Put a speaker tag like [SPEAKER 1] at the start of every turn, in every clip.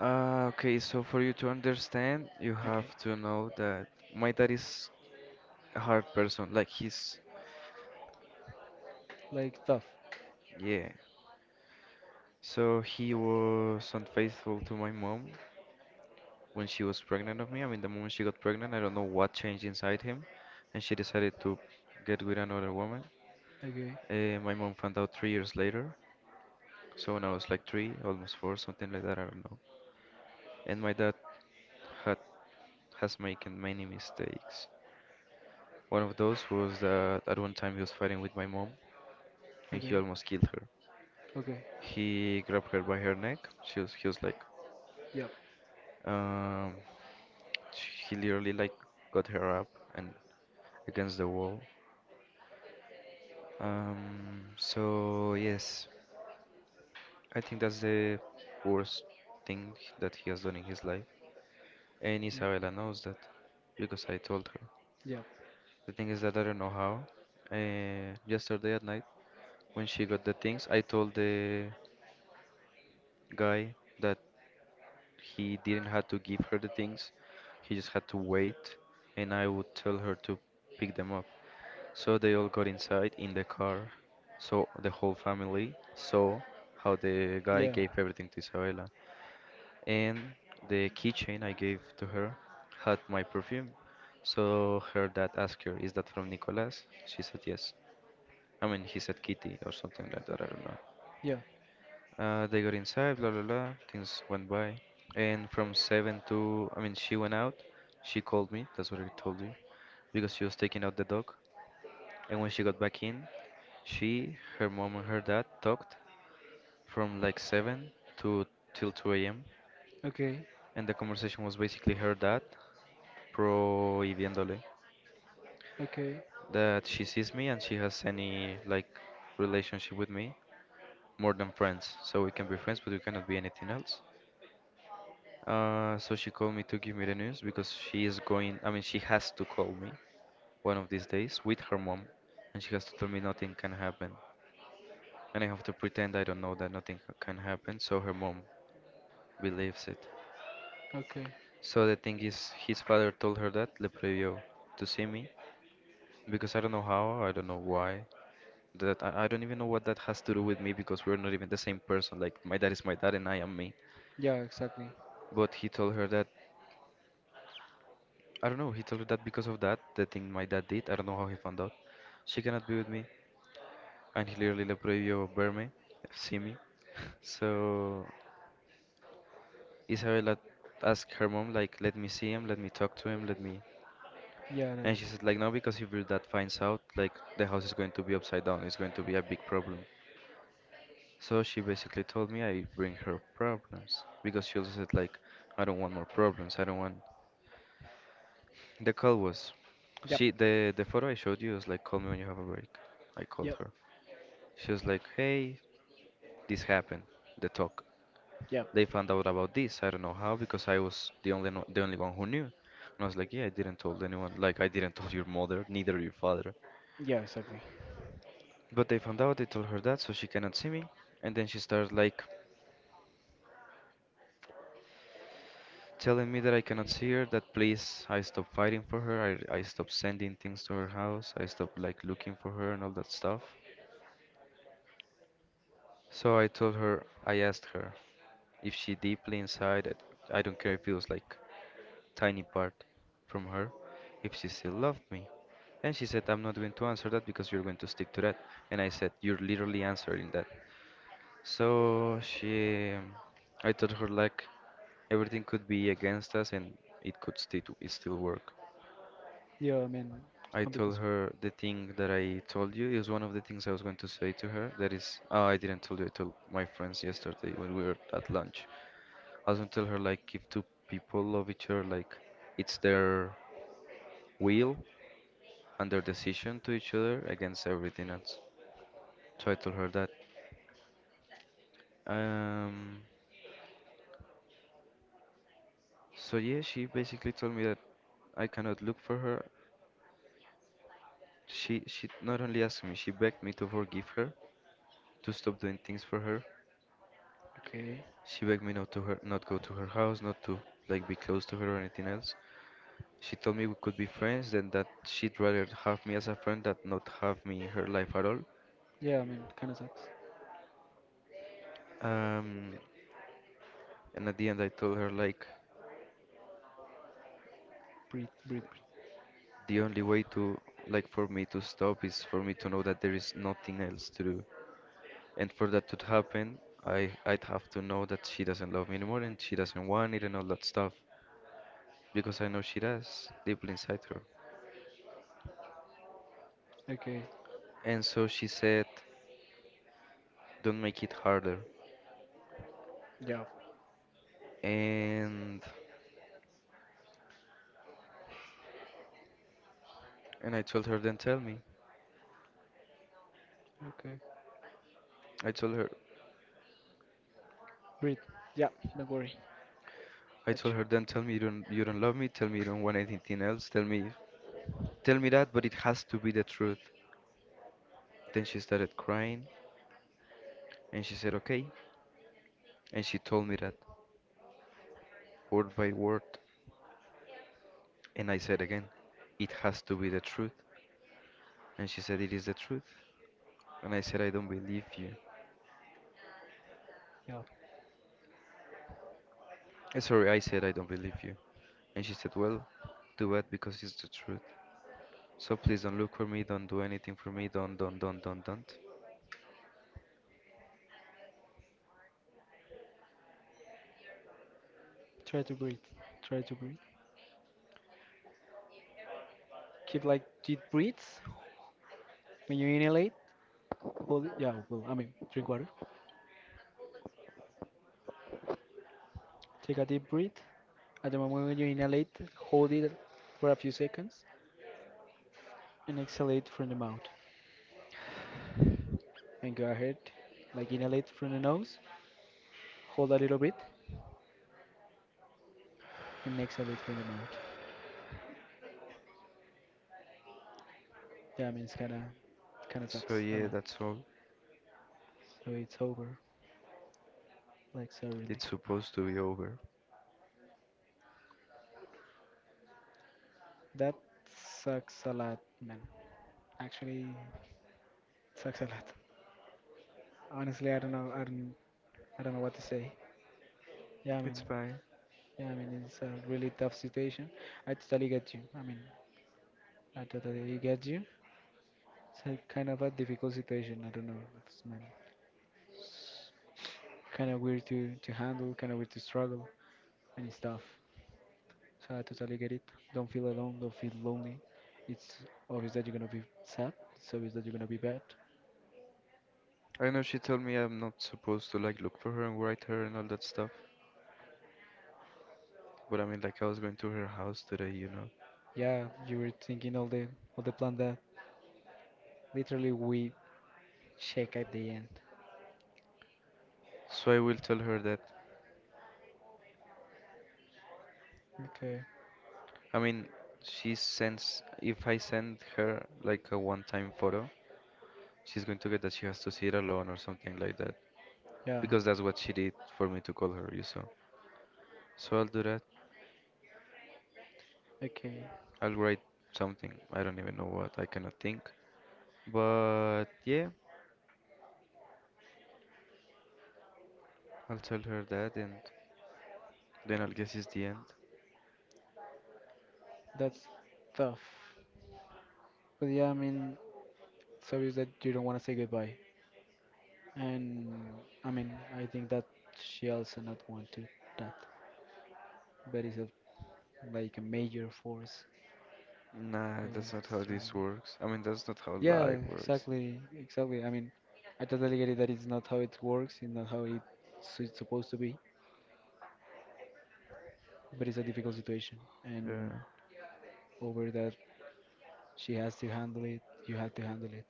[SPEAKER 1] Okay, so for you to understand, you have
[SPEAKER 2] Okay.
[SPEAKER 1] to know that my dad is a hard person. Like he's,
[SPEAKER 2] Like tough.
[SPEAKER 1] yeah. So he was unfaithful to my mom when she was pregnant of me. I mean, the moment she got pregnant, I don't know what changed inside him, and she decided to get with another woman.
[SPEAKER 2] Okay.
[SPEAKER 1] My mom found out 3 years later. So when I was like 3, almost 4, something like that, I don't know. And my dad had has making many mistakes. One of those was that at one time he was fighting with my mom and he
[SPEAKER 2] Okay.
[SPEAKER 1] almost killed her.
[SPEAKER 2] Okay.
[SPEAKER 1] He grabbed her by her neck. He was like,
[SPEAKER 2] Yep.
[SPEAKER 1] um, he literally like got her up and against the wall. So yes, I think that's the worst thing that he has done in his life, and
[SPEAKER 2] Yep.
[SPEAKER 1] Isabella knows that because I told her.
[SPEAKER 2] Yep.
[SPEAKER 1] The thing is that I don't know how. Yesterday at night, when she got the things, I told the guy that he didn't have to give her the things, he just had to wait, and I would tell her to pick them up. So they all got inside in the car. So the whole family saw how the guy
[SPEAKER 2] Yeah.
[SPEAKER 1] gave everything to Isabella. And the keychain I gave to her had my perfume. So her dad asked her, "Is that from Nicolas?" She said yes. I mean, he said Kitty or something like that, I don't know.
[SPEAKER 2] Yeah.
[SPEAKER 1] They got inside, blah blah blah. Things went by, and from 7 to, I mean, she went out. She called me. That's what I told you because she was taking out the dog. And when she got back in, she, her mom, and her dad talked from like 7 to till 2 a.m.
[SPEAKER 2] Okay.
[SPEAKER 1] And the conversation was basically her dad prohibiéndole
[SPEAKER 2] Okay.
[SPEAKER 1] that she sees me and she has any like relationship with me more than friends. So we can be friends, but we cannot be anything else. So she called me to give me the news because she is going, I mean, she has to call me one of these days with her mom, and she has to tell me nothing can happen. And I have to pretend I don't know that nothing can happen, so her mom believes it.
[SPEAKER 2] Okay.
[SPEAKER 1] So the thing is, his father told her that le previo to see me because I don't know how, I don't know why. That I don't even know what that has to do with me because we're not even the same person. Like my dad is my dad and I am me.
[SPEAKER 2] Yeah, exactly.
[SPEAKER 1] But he told her that I don't know, he told her that because of that, the thing my dad did, I don't know how he found out. She cannot be with me, and he literally la prohibió me, see me. So Isabella asked her mom, like, let me see him, let me talk to him, let me.
[SPEAKER 2] Yeah. Right.
[SPEAKER 1] And she said, like, no, because if your dad finds out, like, the house is going to be upside down, it's going to be a big problem. So she basically told me I bring her problems, because she also said, like, I don't want more problems, I don't want. The call was,
[SPEAKER 2] Yep.
[SPEAKER 1] she, the photo I showed you was like, call me when you have a break. I called
[SPEAKER 2] Yep.
[SPEAKER 1] her. She was like, hey, this happened, the talk.
[SPEAKER 2] Yep.
[SPEAKER 1] They found out about this. I don't know how because I was the only the only one who knew. And I was like, yeah, I didn't told anyone. Like I didn't tell your mother, neither your father.
[SPEAKER 2] Yeah, exactly.
[SPEAKER 1] But they found out. They told her that, so she cannot see me. And then she started like telling me that I cannot see her. That please, I stop fighting for her. I stop sending things to her house. I stop like looking for her and all that stuff. So I told her. I asked her if she deeply inside. I don't care if it was like tiny part from her if she still loved me. And she said, "I'm not going to answer that because you're going to stick to that." And I said, "You're literally answering that." So she, I told her, like, everything could be against us and it still work.
[SPEAKER 2] Yeah, I mean, it
[SPEAKER 1] I
[SPEAKER 2] can't be
[SPEAKER 1] told
[SPEAKER 2] possible.
[SPEAKER 1] her the thing that I told you is one of the things I was going to say to her. That is, oh, I didn't tell you. I told my friends yesterday when we were at lunch. I was going to tell her like if two people love each other, like it's their will and their decision to each other against everything else. So I told her that. Um, so yeah, she basically told me that I cannot look for her. She not only asked me, she begged me to forgive her, to stop doing things for her.
[SPEAKER 2] Okay.
[SPEAKER 1] She begged me not to her not go to her house, not to like be close to her or anything else. She told me we could be friends and that she'd rather have me as a friend than not have me in her life at all.
[SPEAKER 2] Yeah, I mean, kind of sucks.
[SPEAKER 1] Um, and at the end, I told her like
[SPEAKER 2] Breathe, breathe, breathe.
[SPEAKER 1] the only way to, like, for me to stop is for me to know that there is nothing else to do. And for that to happen, I'd have to know that she doesn't love me anymore and she doesn't want it and all that stuff. Because I know she does, deeply inside her.
[SPEAKER 2] Okay.
[SPEAKER 1] And so she said, don't make it harder.
[SPEAKER 2] Yeah.
[SPEAKER 1] And and I told her, then tell me.
[SPEAKER 2] Okay.
[SPEAKER 1] I told her,
[SPEAKER 2] Breathe. Yeah, don't worry.
[SPEAKER 1] I
[SPEAKER 2] Catch
[SPEAKER 1] told
[SPEAKER 2] you.
[SPEAKER 1] her, then tell me you don't love me. Tell me you don't want anything else. Tell me that, but it has to be the truth. Then she started crying, and she said, okay, and she told me that. Word by word, and I said again, it has to be the truth. And she said, "It is the truth." And I said, "I don't believe you."
[SPEAKER 2] Yeah.
[SPEAKER 1] Sorry, I said, "I don't believe you." And she said, "Well, do it because it's the truth. So please don't look for me, don't do anything for me, don't, don't."
[SPEAKER 2] Try to breathe. Try to breathe. Keep like deep breaths. When you inhalate, hold it. Yeah, well, I mean, drink water. Take a deep breath. At the moment when you inhalate, hold it for a few seconds and exhalate from the mouth. And go ahead, like inhalate from the nose, hold a little bit, and exhalate from the mouth. Yeah, I mean, it's kinda, kinda
[SPEAKER 1] So
[SPEAKER 2] sucks a
[SPEAKER 1] yeah,
[SPEAKER 2] lot.
[SPEAKER 1] that's all.
[SPEAKER 2] So it's over, like, so really.
[SPEAKER 1] It's supposed to be over.
[SPEAKER 2] That sucks a lot, man. Actually, it sucks a lot. Honestly, I don't know. I don't. I don't know what to say. Yeah, I mean,
[SPEAKER 1] It's fine.
[SPEAKER 2] yeah, I mean, it's a really tough situation. I totally get you. I mean, I totally get you. It's a kind of a difficult situation. I don't know. It's man, kind of weird to handle, kind of weird to struggle, and it's tough. So I totally get it. Don't feel alone. Don't feel lonely. It's obvious that you're gonna be sad. It's obvious that you're gonna be bad.
[SPEAKER 1] I know she told me I'm not supposed to like look for her and write her and all that stuff, but I mean, like, I was going to her house today, you know.
[SPEAKER 2] Yeah, you were thinking all the plan that literally we check at the end.
[SPEAKER 1] So I will tell her that.
[SPEAKER 2] Okay.
[SPEAKER 1] I mean, she sends, if I send her like a one-time photo, she's going to get that she has to see it alone or something like that.
[SPEAKER 2] Yeah.
[SPEAKER 1] Because that's what she did for me to call her, you saw. So I'll do that.
[SPEAKER 2] Okay.
[SPEAKER 1] I'll write something. I don't even know what. I cannot think. But yeah, I'll tell her that and then I'll guess it's the end.
[SPEAKER 2] That's tough. But yeah, I mean, it's obvious that you don't want to say goodbye. And I mean, I think that she also not want to that. But it's a, like a major force
[SPEAKER 1] Nah, that's not how
[SPEAKER 2] very.
[SPEAKER 1] this works. I mean, that's not how
[SPEAKER 2] Yeah,
[SPEAKER 1] life works.
[SPEAKER 2] exactly, exactly. I mean, I totally get it that it's not how it works, it's not how it, so it's supposed to be. But it's a difficult situation, and
[SPEAKER 1] Yeah.
[SPEAKER 2] over that, she has to handle it. You have to handle it,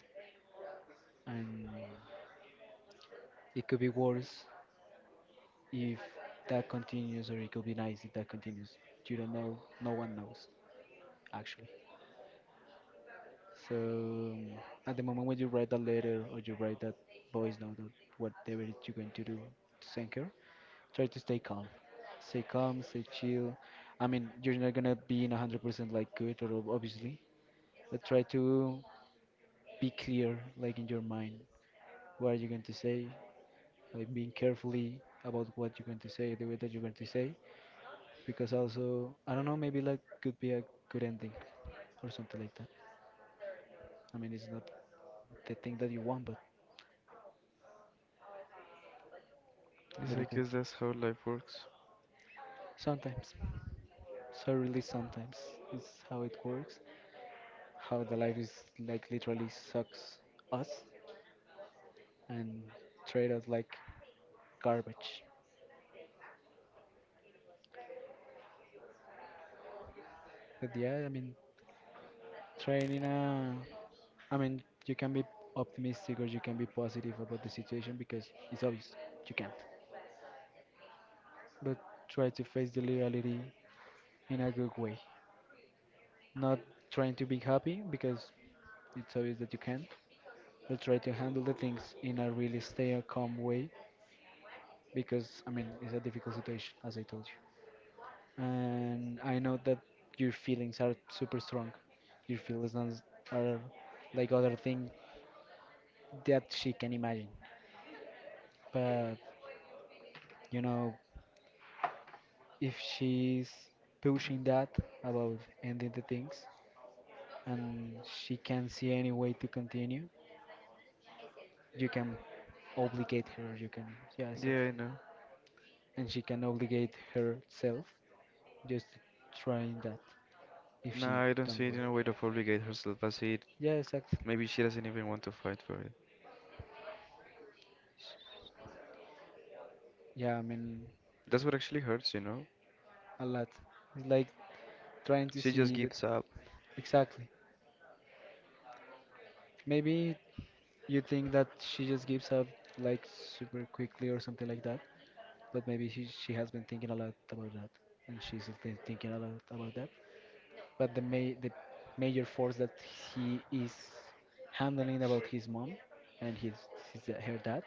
[SPEAKER 2] and it could be worse, if that continues, or it could be nice if that continues. You don't know. No one knows, actually. So at the moment when you write that letter or you write that voice note or whatever it you're going to do to send her, try to stay calm. Stay calm, stay chill. I mean, you're not gonna be in 100% like good or obviously, but try to be clear, like in your mind, what are you going to say? Like being carefully about what you're going to say, the way that you're going to say, because also I don't know, maybe like could be a good ending or something like that. I mean, it's not the thing that you want,
[SPEAKER 1] Yes,
[SPEAKER 2] but
[SPEAKER 1] I
[SPEAKER 2] it could
[SPEAKER 1] guess
[SPEAKER 2] be
[SPEAKER 1] that's how life works.
[SPEAKER 2] sometimes. So really, sometimes it's how it works. How the life is like literally sucks us and treat us like garbage. But yeah, I mean, training. I mean, you can be optimistic or you can be positive about the situation because it's obvious you can't. But try to face the reality in a good way. Not trying to be happy because it's obvious that you can't, but try to handle the things in a really stay a calm way because I mean it's a difficult situation as I told you. And I know that your feelings are super strong. Your feelings are like other thing that she can imagine. But you know, if she's pushing that about ending the things and she can't see any way to continue, you can obligate her, you can, yeah,
[SPEAKER 1] Yeah, I
[SPEAKER 2] exactly,
[SPEAKER 1] know.
[SPEAKER 2] and she can obligate herself, just trying that, if she
[SPEAKER 1] Nah, I don't
[SPEAKER 2] don't
[SPEAKER 1] see it
[SPEAKER 2] want,
[SPEAKER 1] in a way to obligate herself. I see it.
[SPEAKER 2] yeah, exactly,
[SPEAKER 1] Maybe she doesn't even want to fight for it.
[SPEAKER 2] yeah, I mean,
[SPEAKER 1] That's what actually hurts, you know?
[SPEAKER 2] a lot, it's like trying to
[SPEAKER 1] She just
[SPEAKER 2] see that,
[SPEAKER 1] gives up.
[SPEAKER 2] exactly, maybe you think that she just gives up like super quickly or something like that, but maybe she has been thinking a lot about that and she's still thinking a lot about that, but the the major force that he is handling about his mom and his her dad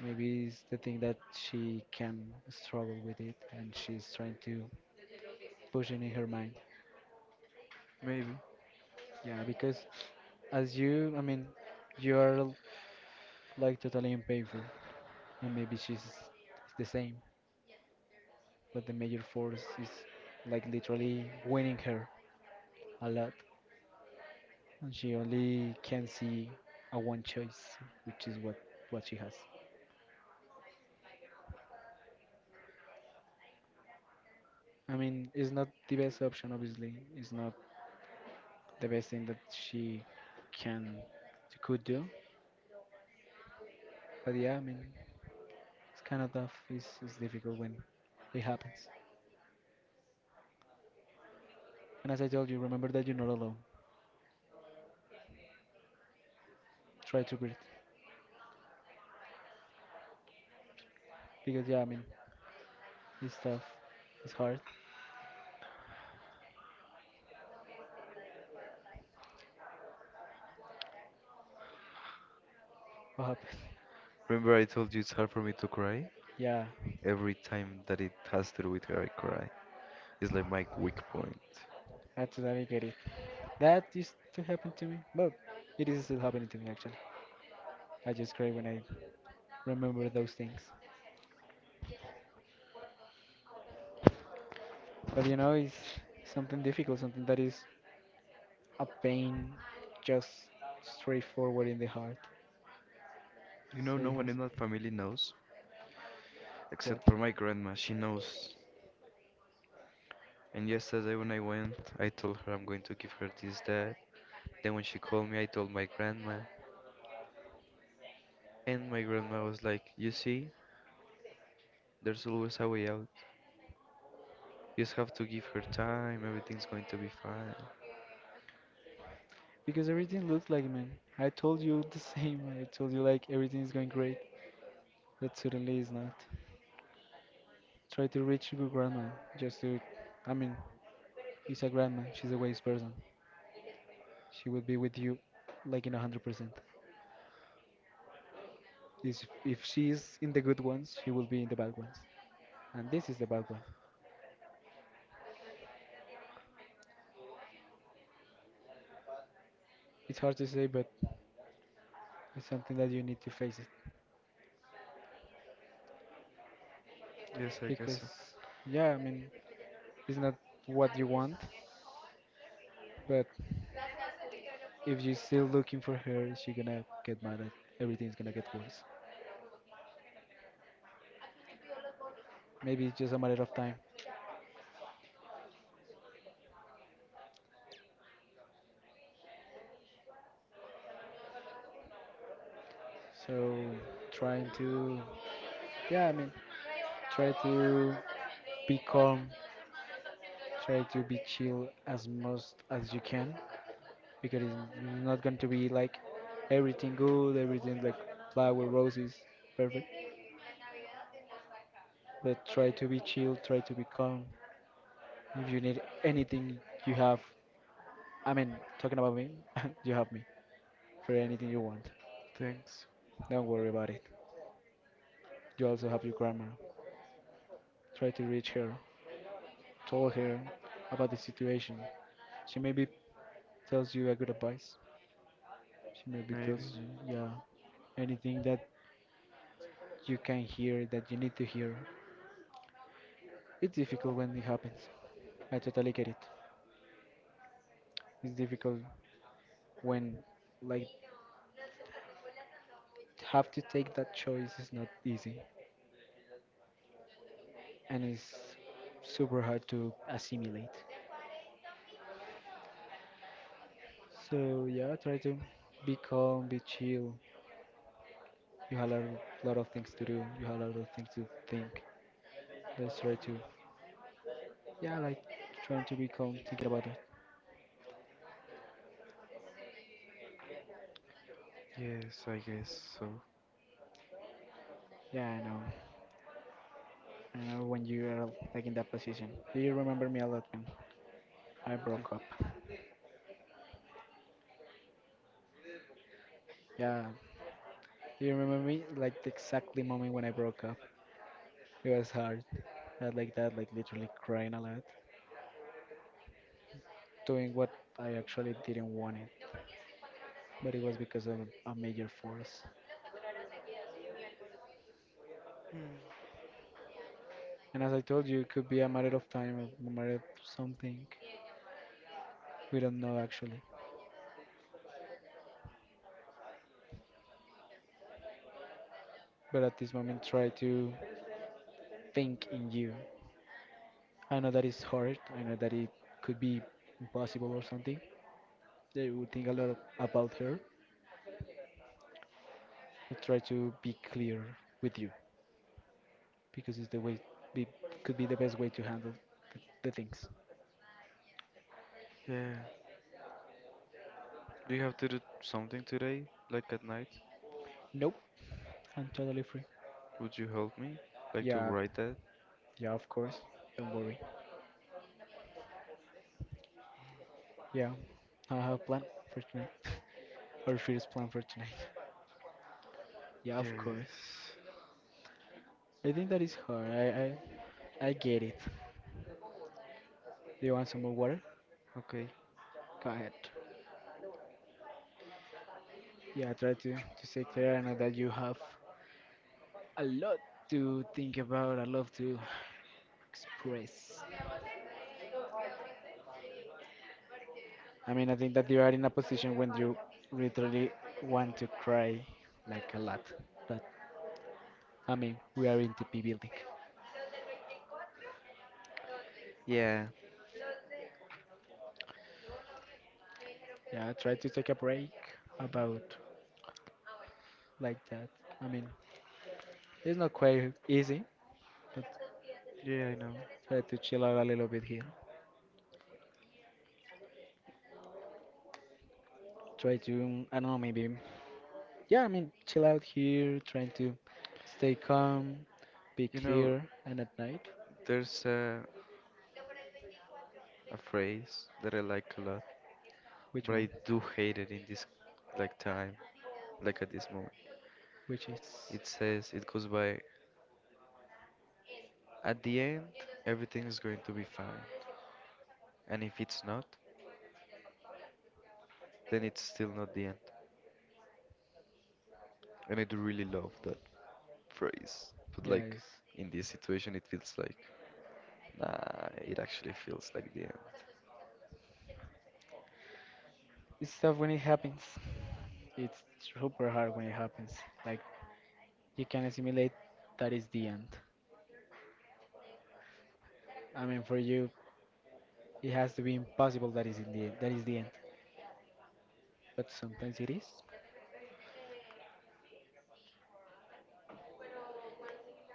[SPEAKER 2] maybe is the thing that she can struggle with it and she's trying to push it in her mind,
[SPEAKER 1] Maybe.
[SPEAKER 2] yeah, because as you, I mean, you're like totally unpainful and maybe she's the same, but the major force is like literally winning her a lot, and she only can see a one choice, which is what she has. I mean, it's not the best option, obviously. It's not the best thing that she can, she could do. But yeah, I mean, it's kind of tough. It's difficult when it happens. And as I told you, remember that you're not alone. Try to breathe. Because yeah, I mean, it's tough. It's hard. What happened?
[SPEAKER 1] Remember, I told you it's hard for me to cry?
[SPEAKER 2] Yeah,
[SPEAKER 1] Every time that it has to do with her, I cry. It's like my weak point.
[SPEAKER 2] I totally get it. That used to happen to me. Well, it is still happening to me actually. I just cry when I remember those things. But you know, it's something difficult, something that is a pain just straightforward in the heart.
[SPEAKER 1] You know,
[SPEAKER 2] So he
[SPEAKER 1] no one
[SPEAKER 2] has
[SPEAKER 1] in that family knows,
[SPEAKER 2] what?
[SPEAKER 1] except for my grandma. She knows. And yesterday when I went, I told her I'm going to give her this, that. Then when she called me, I told my grandma. And my grandma was like, "You see, there's always a way out. You just have to give her time, everything's going to be fine."
[SPEAKER 2] Because everything looks like man. I told you the same. I told you like everything is going great, but suddenly it's not. Try to reach your grandma just to. I mean, it's a grandma. She's a wise person. She will be with you like in 100%. Is if she is in the good ones, she will be in the bad ones. And this is the bad one. It's hard to say, but it's something that you need to face it
[SPEAKER 1] Yes, I guess
[SPEAKER 2] because
[SPEAKER 1] so.
[SPEAKER 2] yeah, I mean, it's not what you want, but if you're still looking for her, she's gonna get mad at, everything's gonna get worse. Maybe it's just a matter of time. So trying to, yeah, I mean, try to be calm, try to be chill as most as you can, because it's not going to be like everything good, everything like flower, roses, perfect. But try to be chill, try to be calm. If you need anything, you have. I mean, talking about me, you have me, for anything you want.
[SPEAKER 1] Thanks.
[SPEAKER 2] Don't worry about it. You also have your grandma. Try to reach her. Tell her about the situation. She maybe tells you a good advice. She maybe
[SPEAKER 1] Maybe.
[SPEAKER 2] tells you, yeah, anything that you can hear that you need to hear. It's difficult when it happens. I totally get it. It's difficult when, like, have to take that choice is not easy and it's super hard to assimilate. So yeah, try to be calm, be chill. You have a lot, lot of things to do. You have a lot of things to think. Let's try to, yeah, like trying to be calm, thinking about it.
[SPEAKER 1] Yes, I guess so.
[SPEAKER 2] Yeah, I know. I know when you are like in that position. Do you remember me a lot when I broke up? Yeah. Do you remember me like the exactly moment when I broke up? It was hard. I had like that, like literally crying a lot, doing what I actually didn't want it, but it was because of a major force.
[SPEAKER 1] Hmm.
[SPEAKER 2] And as I told you, it could be a matter of time, a matter of something. We don't know actually, but at this moment try to think in you. I know that it's hard. I know that it could be impossible or something. They would think a about her, but try to be clear with you because it's the way be, could be the best way to handle the things.
[SPEAKER 1] Yeah. Do you have to do something today? Like at night?
[SPEAKER 2] Nope, I'm totally free.
[SPEAKER 1] Would you help me? Like to
[SPEAKER 2] Yeah,
[SPEAKER 1] write that?
[SPEAKER 2] yeah, of course. Don't worry. Yeah, I have a plan for tonight. Our first plan for tonight. Yeah, of course.
[SPEAKER 1] Yes.
[SPEAKER 2] I think that is hard. I get it. Do you want some more water?
[SPEAKER 1] Okay.
[SPEAKER 2] Go ahead. Yeah, try to stay clear. I know that you have a lot to think about, a lot to express. I mean, I think that you are in a position when you literally want to cry like a lot. But I mean, we are in TP building.
[SPEAKER 1] Yeah.
[SPEAKER 2] Yeah, try to take a break about like that. I mean, it's not quite easy, but
[SPEAKER 1] Yeah, I know.
[SPEAKER 2] try to chill out a little bit here. Try to, I don't know, maybe yeah, I mean, chill out here, trying to stay calm, be
[SPEAKER 1] You know,
[SPEAKER 2] clear, and at night,
[SPEAKER 1] there's a phrase that I like a lot,
[SPEAKER 2] which
[SPEAKER 1] but I
[SPEAKER 2] one?
[SPEAKER 1] do hate it in this like time, like at this moment.
[SPEAKER 2] Which is,
[SPEAKER 1] It says it goes by, at the end, everything is going to be fine, and if it's not, then it's still not the end. And I do really love that phrase. But
[SPEAKER 2] yeah,
[SPEAKER 1] like in this situation, it feels like nah. It actually feels like the end.
[SPEAKER 2] it's tough when it happens. It's super hard when it happens. Like, you can assimilate that is the end. I mean, for you, it has to be impossible that is in the that is the end. But sometimes it is,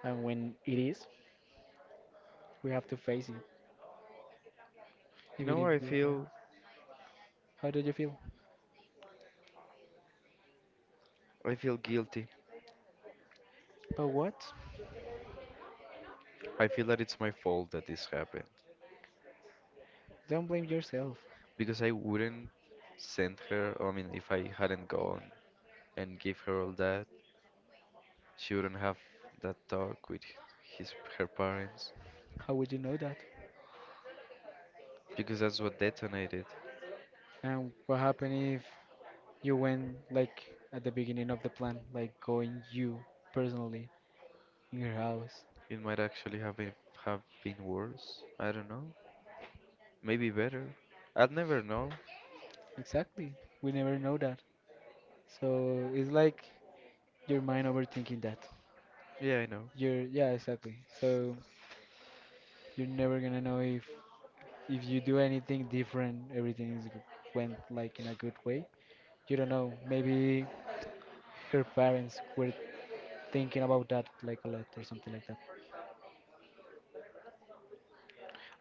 [SPEAKER 2] and when it is, we have to face it,
[SPEAKER 1] You
[SPEAKER 2] even
[SPEAKER 1] know,
[SPEAKER 2] if
[SPEAKER 1] I
[SPEAKER 2] we're wrong.
[SPEAKER 1] feel
[SPEAKER 2] How do you feel?
[SPEAKER 1] I feel guilty.
[SPEAKER 2] But what?
[SPEAKER 1] I feel that it's my fault that this happened
[SPEAKER 2] Don't blame yourself.
[SPEAKER 1] because I wouldn't send her. I mean, if I hadn't gone and give her all that, she wouldn't have that talk with his her parents
[SPEAKER 2] How would you know that?
[SPEAKER 1] because that's what detonated.
[SPEAKER 2] And what happened if you went like at the beginning of the plan, like going you personally in her house?
[SPEAKER 1] It might actually have been worse. I don't know. Maybe better. I'd never know.
[SPEAKER 2] Exactly. We never know that. So it's like your mind overthinking that.
[SPEAKER 1] Yeah, I know.
[SPEAKER 2] You're yeah, exactly. So you're never gonna know if you do anything different, everything went like in a good way. You don't know. Maybe her parents were thinking about that like a lot or something like that.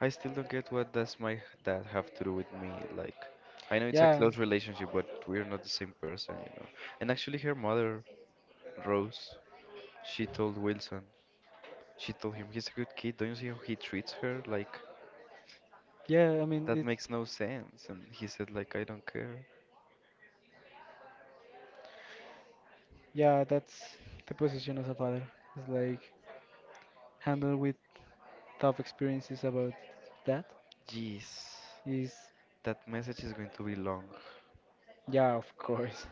[SPEAKER 1] I still don't get what does my dad have to do with me. Like, I know it's a
[SPEAKER 2] Yeah,
[SPEAKER 1] close relationship, but we're not the same person, you know. And actually, her mother, Rose, she told Wilson, she told him, "He's a good kid. Don't you see how he treats her?" Like,
[SPEAKER 2] yeah, I mean,
[SPEAKER 1] that makes
[SPEAKER 2] it's—
[SPEAKER 1] no sense. And he said, like, "I don't care."
[SPEAKER 2] yeah, that's the position as a father. It's like handle with tough experiences about that.
[SPEAKER 1] Jeez,
[SPEAKER 2] Is
[SPEAKER 1] that message is going to be long.
[SPEAKER 2] Yeah, of course.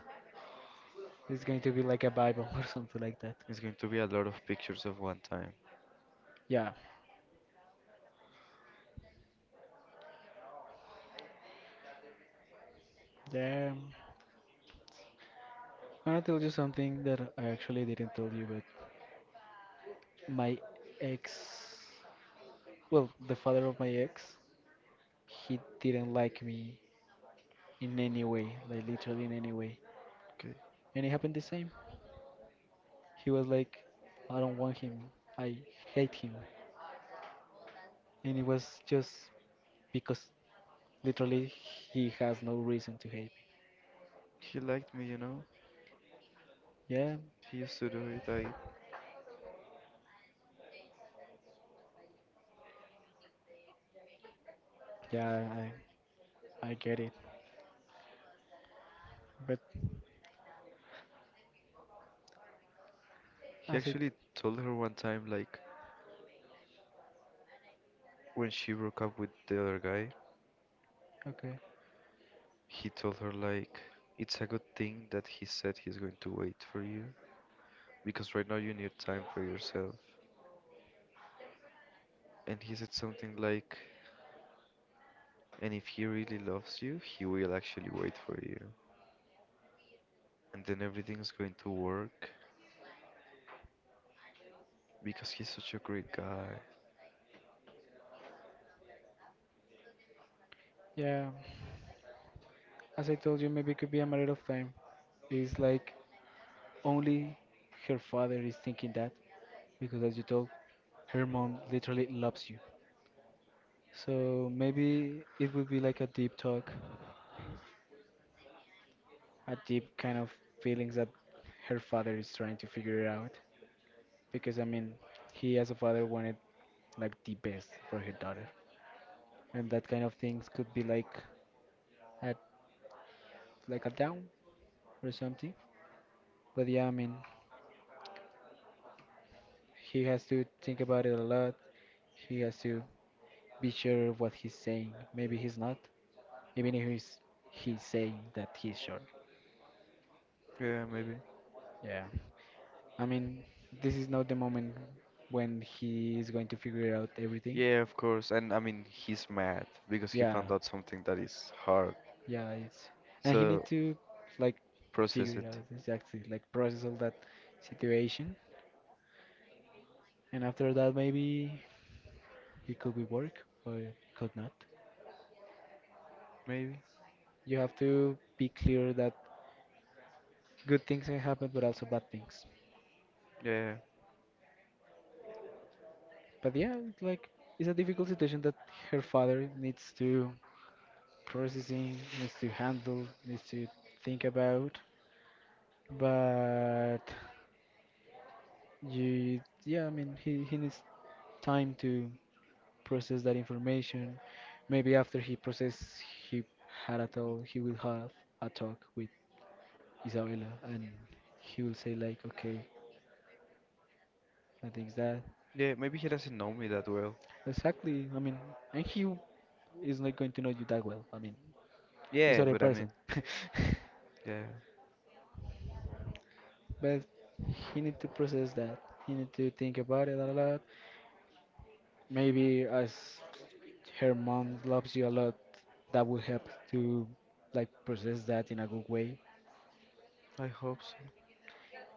[SPEAKER 2] It's going to be like a Bible or something like that.
[SPEAKER 1] It's going to be a lot of pictures of one time.
[SPEAKER 2] Yeah. Um, I'll tell you something that I actually didn't tell you, but my ex, well, the father of my ex, he didn't like me in any way, like literally in any way.
[SPEAKER 1] Okay.
[SPEAKER 2] And it happened the same. He was like, I don't want him. I hate him. And it was just because literally he has no reason to hate me.
[SPEAKER 1] He liked me, you know.
[SPEAKER 2] Yeah,
[SPEAKER 1] He used to do it. I.
[SPEAKER 2] yeah, I get it. But
[SPEAKER 1] He
[SPEAKER 2] as it,
[SPEAKER 1] actually told her one time, like, when she broke up with the other guy.
[SPEAKER 2] okay,
[SPEAKER 1] He told her like it's a good thing that he said he's going to wait for you because right now you need time for yourself. And he said something like and if he really loves you, he will actually wait for you. And then everything's going to work because he's such a great guy.
[SPEAKER 2] yeah, as I told you, maybe it could be a matter of time. It's like only her father is thinking that because, as you told, her mom literally loves you. So maybe it would be like a deep talk, a deep kind of feelings that her father is trying to figure it out. Because I mean, he as a father wanted like the best for her daughter, and that kind of things could be like at like a down or something. But yeah, I mean, he has to think about it a lot. He has to be sure of what he's saying. Maybe he's not, even if he's saying that he's sure.
[SPEAKER 1] Yeah, maybe.
[SPEAKER 2] Yeah, I mean, this is not the moment when he is going to figure out everything.
[SPEAKER 1] Yeah, of course. And I mean, he's mad because he
[SPEAKER 2] Yeah,
[SPEAKER 1] found out something that is hard.
[SPEAKER 2] yeah, it's— and he need
[SPEAKER 1] So
[SPEAKER 2] to, like, figure
[SPEAKER 1] process
[SPEAKER 2] it
[SPEAKER 1] it.
[SPEAKER 2] out exactly, like process all that situation, and after that maybe it could be work or it could not.
[SPEAKER 1] Maybe.
[SPEAKER 2] You have to be clear that good things can happen, but also bad things.
[SPEAKER 1] Yeah.
[SPEAKER 2] But yeah, it's like it's a difficult situation that her father needs to processing, needs to handle, needs to think about. But you, yeah, I mean, he needs time to process that information. Maybe after he process, he he will have a talk with Isabella, and he will say like, okay, I think that.
[SPEAKER 1] Yeah, maybe he doesn't know me that well.
[SPEAKER 2] Exactly. I mean, and he is not going to know you that well. I mean, he's
[SPEAKER 1] Yeah,
[SPEAKER 2] other
[SPEAKER 1] but I
[SPEAKER 2] person.
[SPEAKER 1] mean, yeah,
[SPEAKER 2] But he need to process that. He need to think about it a lot. Maybe as her mom loves you a lot, that will help to like process that in a good way.
[SPEAKER 1] I hope so.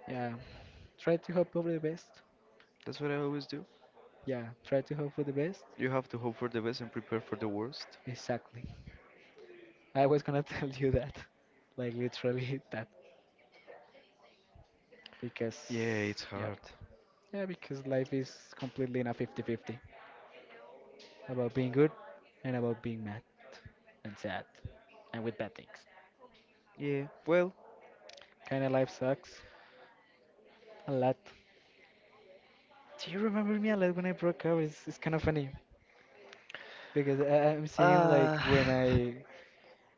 [SPEAKER 2] Yeah. Try to hope for the best.
[SPEAKER 1] That's what I always do.
[SPEAKER 2] Yeah. Try to hope for the best.
[SPEAKER 1] You have to hope for the best and prepare for the worst.
[SPEAKER 2] Exactly. I was gonna tell you that, like literally that, because
[SPEAKER 1] Yeah, it's
[SPEAKER 2] yeah.
[SPEAKER 1] hard.
[SPEAKER 2] Yeah, because life is completely in a 50-50 about being good and about being mad and sad and with bad things.
[SPEAKER 1] Yeah, well,
[SPEAKER 2] Kind of life sucks a lot. Do you remember me a lot when I broke up? It's kind of funny because I'm seeing like
[SPEAKER 1] Uh,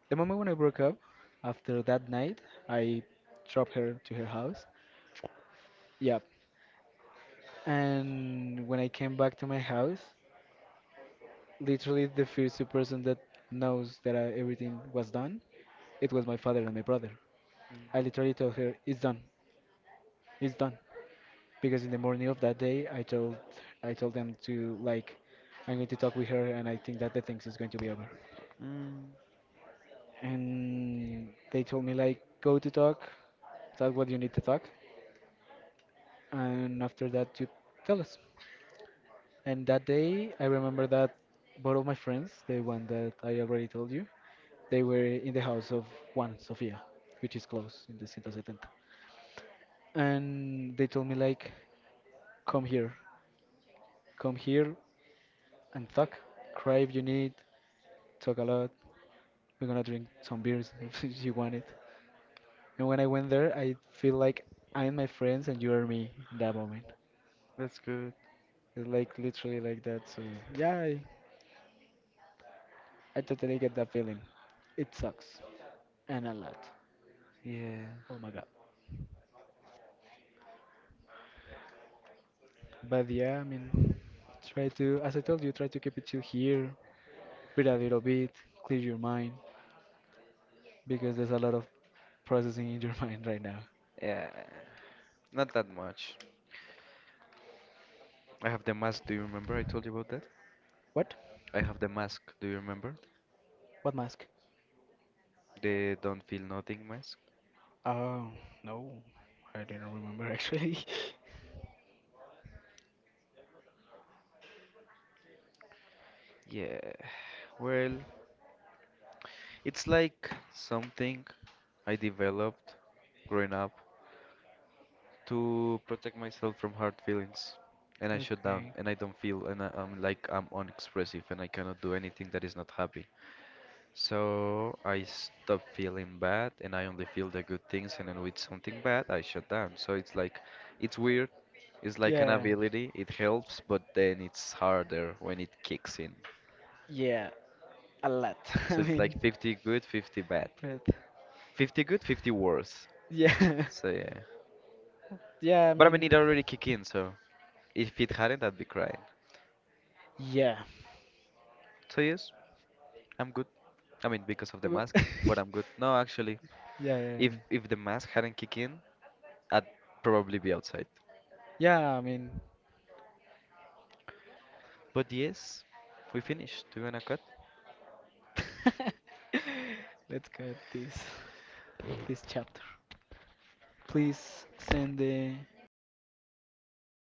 [SPEAKER 2] the moment when I broke up, after that night, I dropped her to her house. Yep. And when I came back to my house, literally the first person that knows that everything was done, it was my father and my brother. I literally told her it's done, because in the morning of that day, I told them to like I'm going to talk with her, and I think that the things is going to be over.
[SPEAKER 1] mm,
[SPEAKER 2] And they told me like go to talk, talk what you need to talk, and after that you tell us. And that day, I remember that both of my friends, the one that I already told you, they were in the house of Juan Sofia, which is close in the 170. And they told me like, come here, come here, and talk. Cry if you need, talk a lot. We're gonna drink some beers if you want it. And when I went there, I feel like I'm my friends and you are me in that moment.
[SPEAKER 1] that's good.
[SPEAKER 2] It's like literally like that. So yeah, I totally get that feeling. It sucks and a lot.
[SPEAKER 1] Yeah,
[SPEAKER 2] Oh my god. But yeah, I mean, try to, as I told you, try to keep it chill here. Breathe a little bit, clear your mind because there's a lot of processing in your mind right now.
[SPEAKER 1] yeah, not that much. I have the mask. Do you remember I told you about that?
[SPEAKER 2] What?
[SPEAKER 1] I have the mask. Do you remember?
[SPEAKER 2] What mask?
[SPEAKER 1] The don't feel nothing mask.
[SPEAKER 2] Oh, no, I didn't remember actually.
[SPEAKER 1] Yeah, well, it's like something I developed growing up to protect myself from hard feelings. And I shut down
[SPEAKER 2] Okay.
[SPEAKER 1] and I don't feel and I'm like I'm unexpressive and I cannot do anything that is not happy. So I stop feeling bad and I only feel the good things and then with something bad I shut down. So it's like it's weird. It's like an
[SPEAKER 2] Yeah.
[SPEAKER 1] ability. It helps, but then it's harder when it kicks in.
[SPEAKER 2] Yeah, a lot. I
[SPEAKER 1] So it's
[SPEAKER 2] mean,
[SPEAKER 1] like 50 good, 50 bad.
[SPEAKER 2] but
[SPEAKER 1] 50 good, 50 worse.
[SPEAKER 2] yeah,
[SPEAKER 1] So yeah.
[SPEAKER 2] yeah. I
[SPEAKER 1] But I mean it
[SPEAKER 2] mean,
[SPEAKER 1] already kicked in, so if it hadn't I'd be crying.
[SPEAKER 2] yeah.
[SPEAKER 1] So yes. I'm good. I mean, because of the
[SPEAKER 2] W-
[SPEAKER 1] mask, but I'm good. No, actually,
[SPEAKER 2] yeah, yeah. I
[SPEAKER 1] if
[SPEAKER 2] mean,
[SPEAKER 1] if the mask hadn't kicked in, I'd probably be outside.
[SPEAKER 2] yeah. I mean,
[SPEAKER 1] But yes, we finished. Do you wanna cut?
[SPEAKER 2] let's cut this chapter. Please send the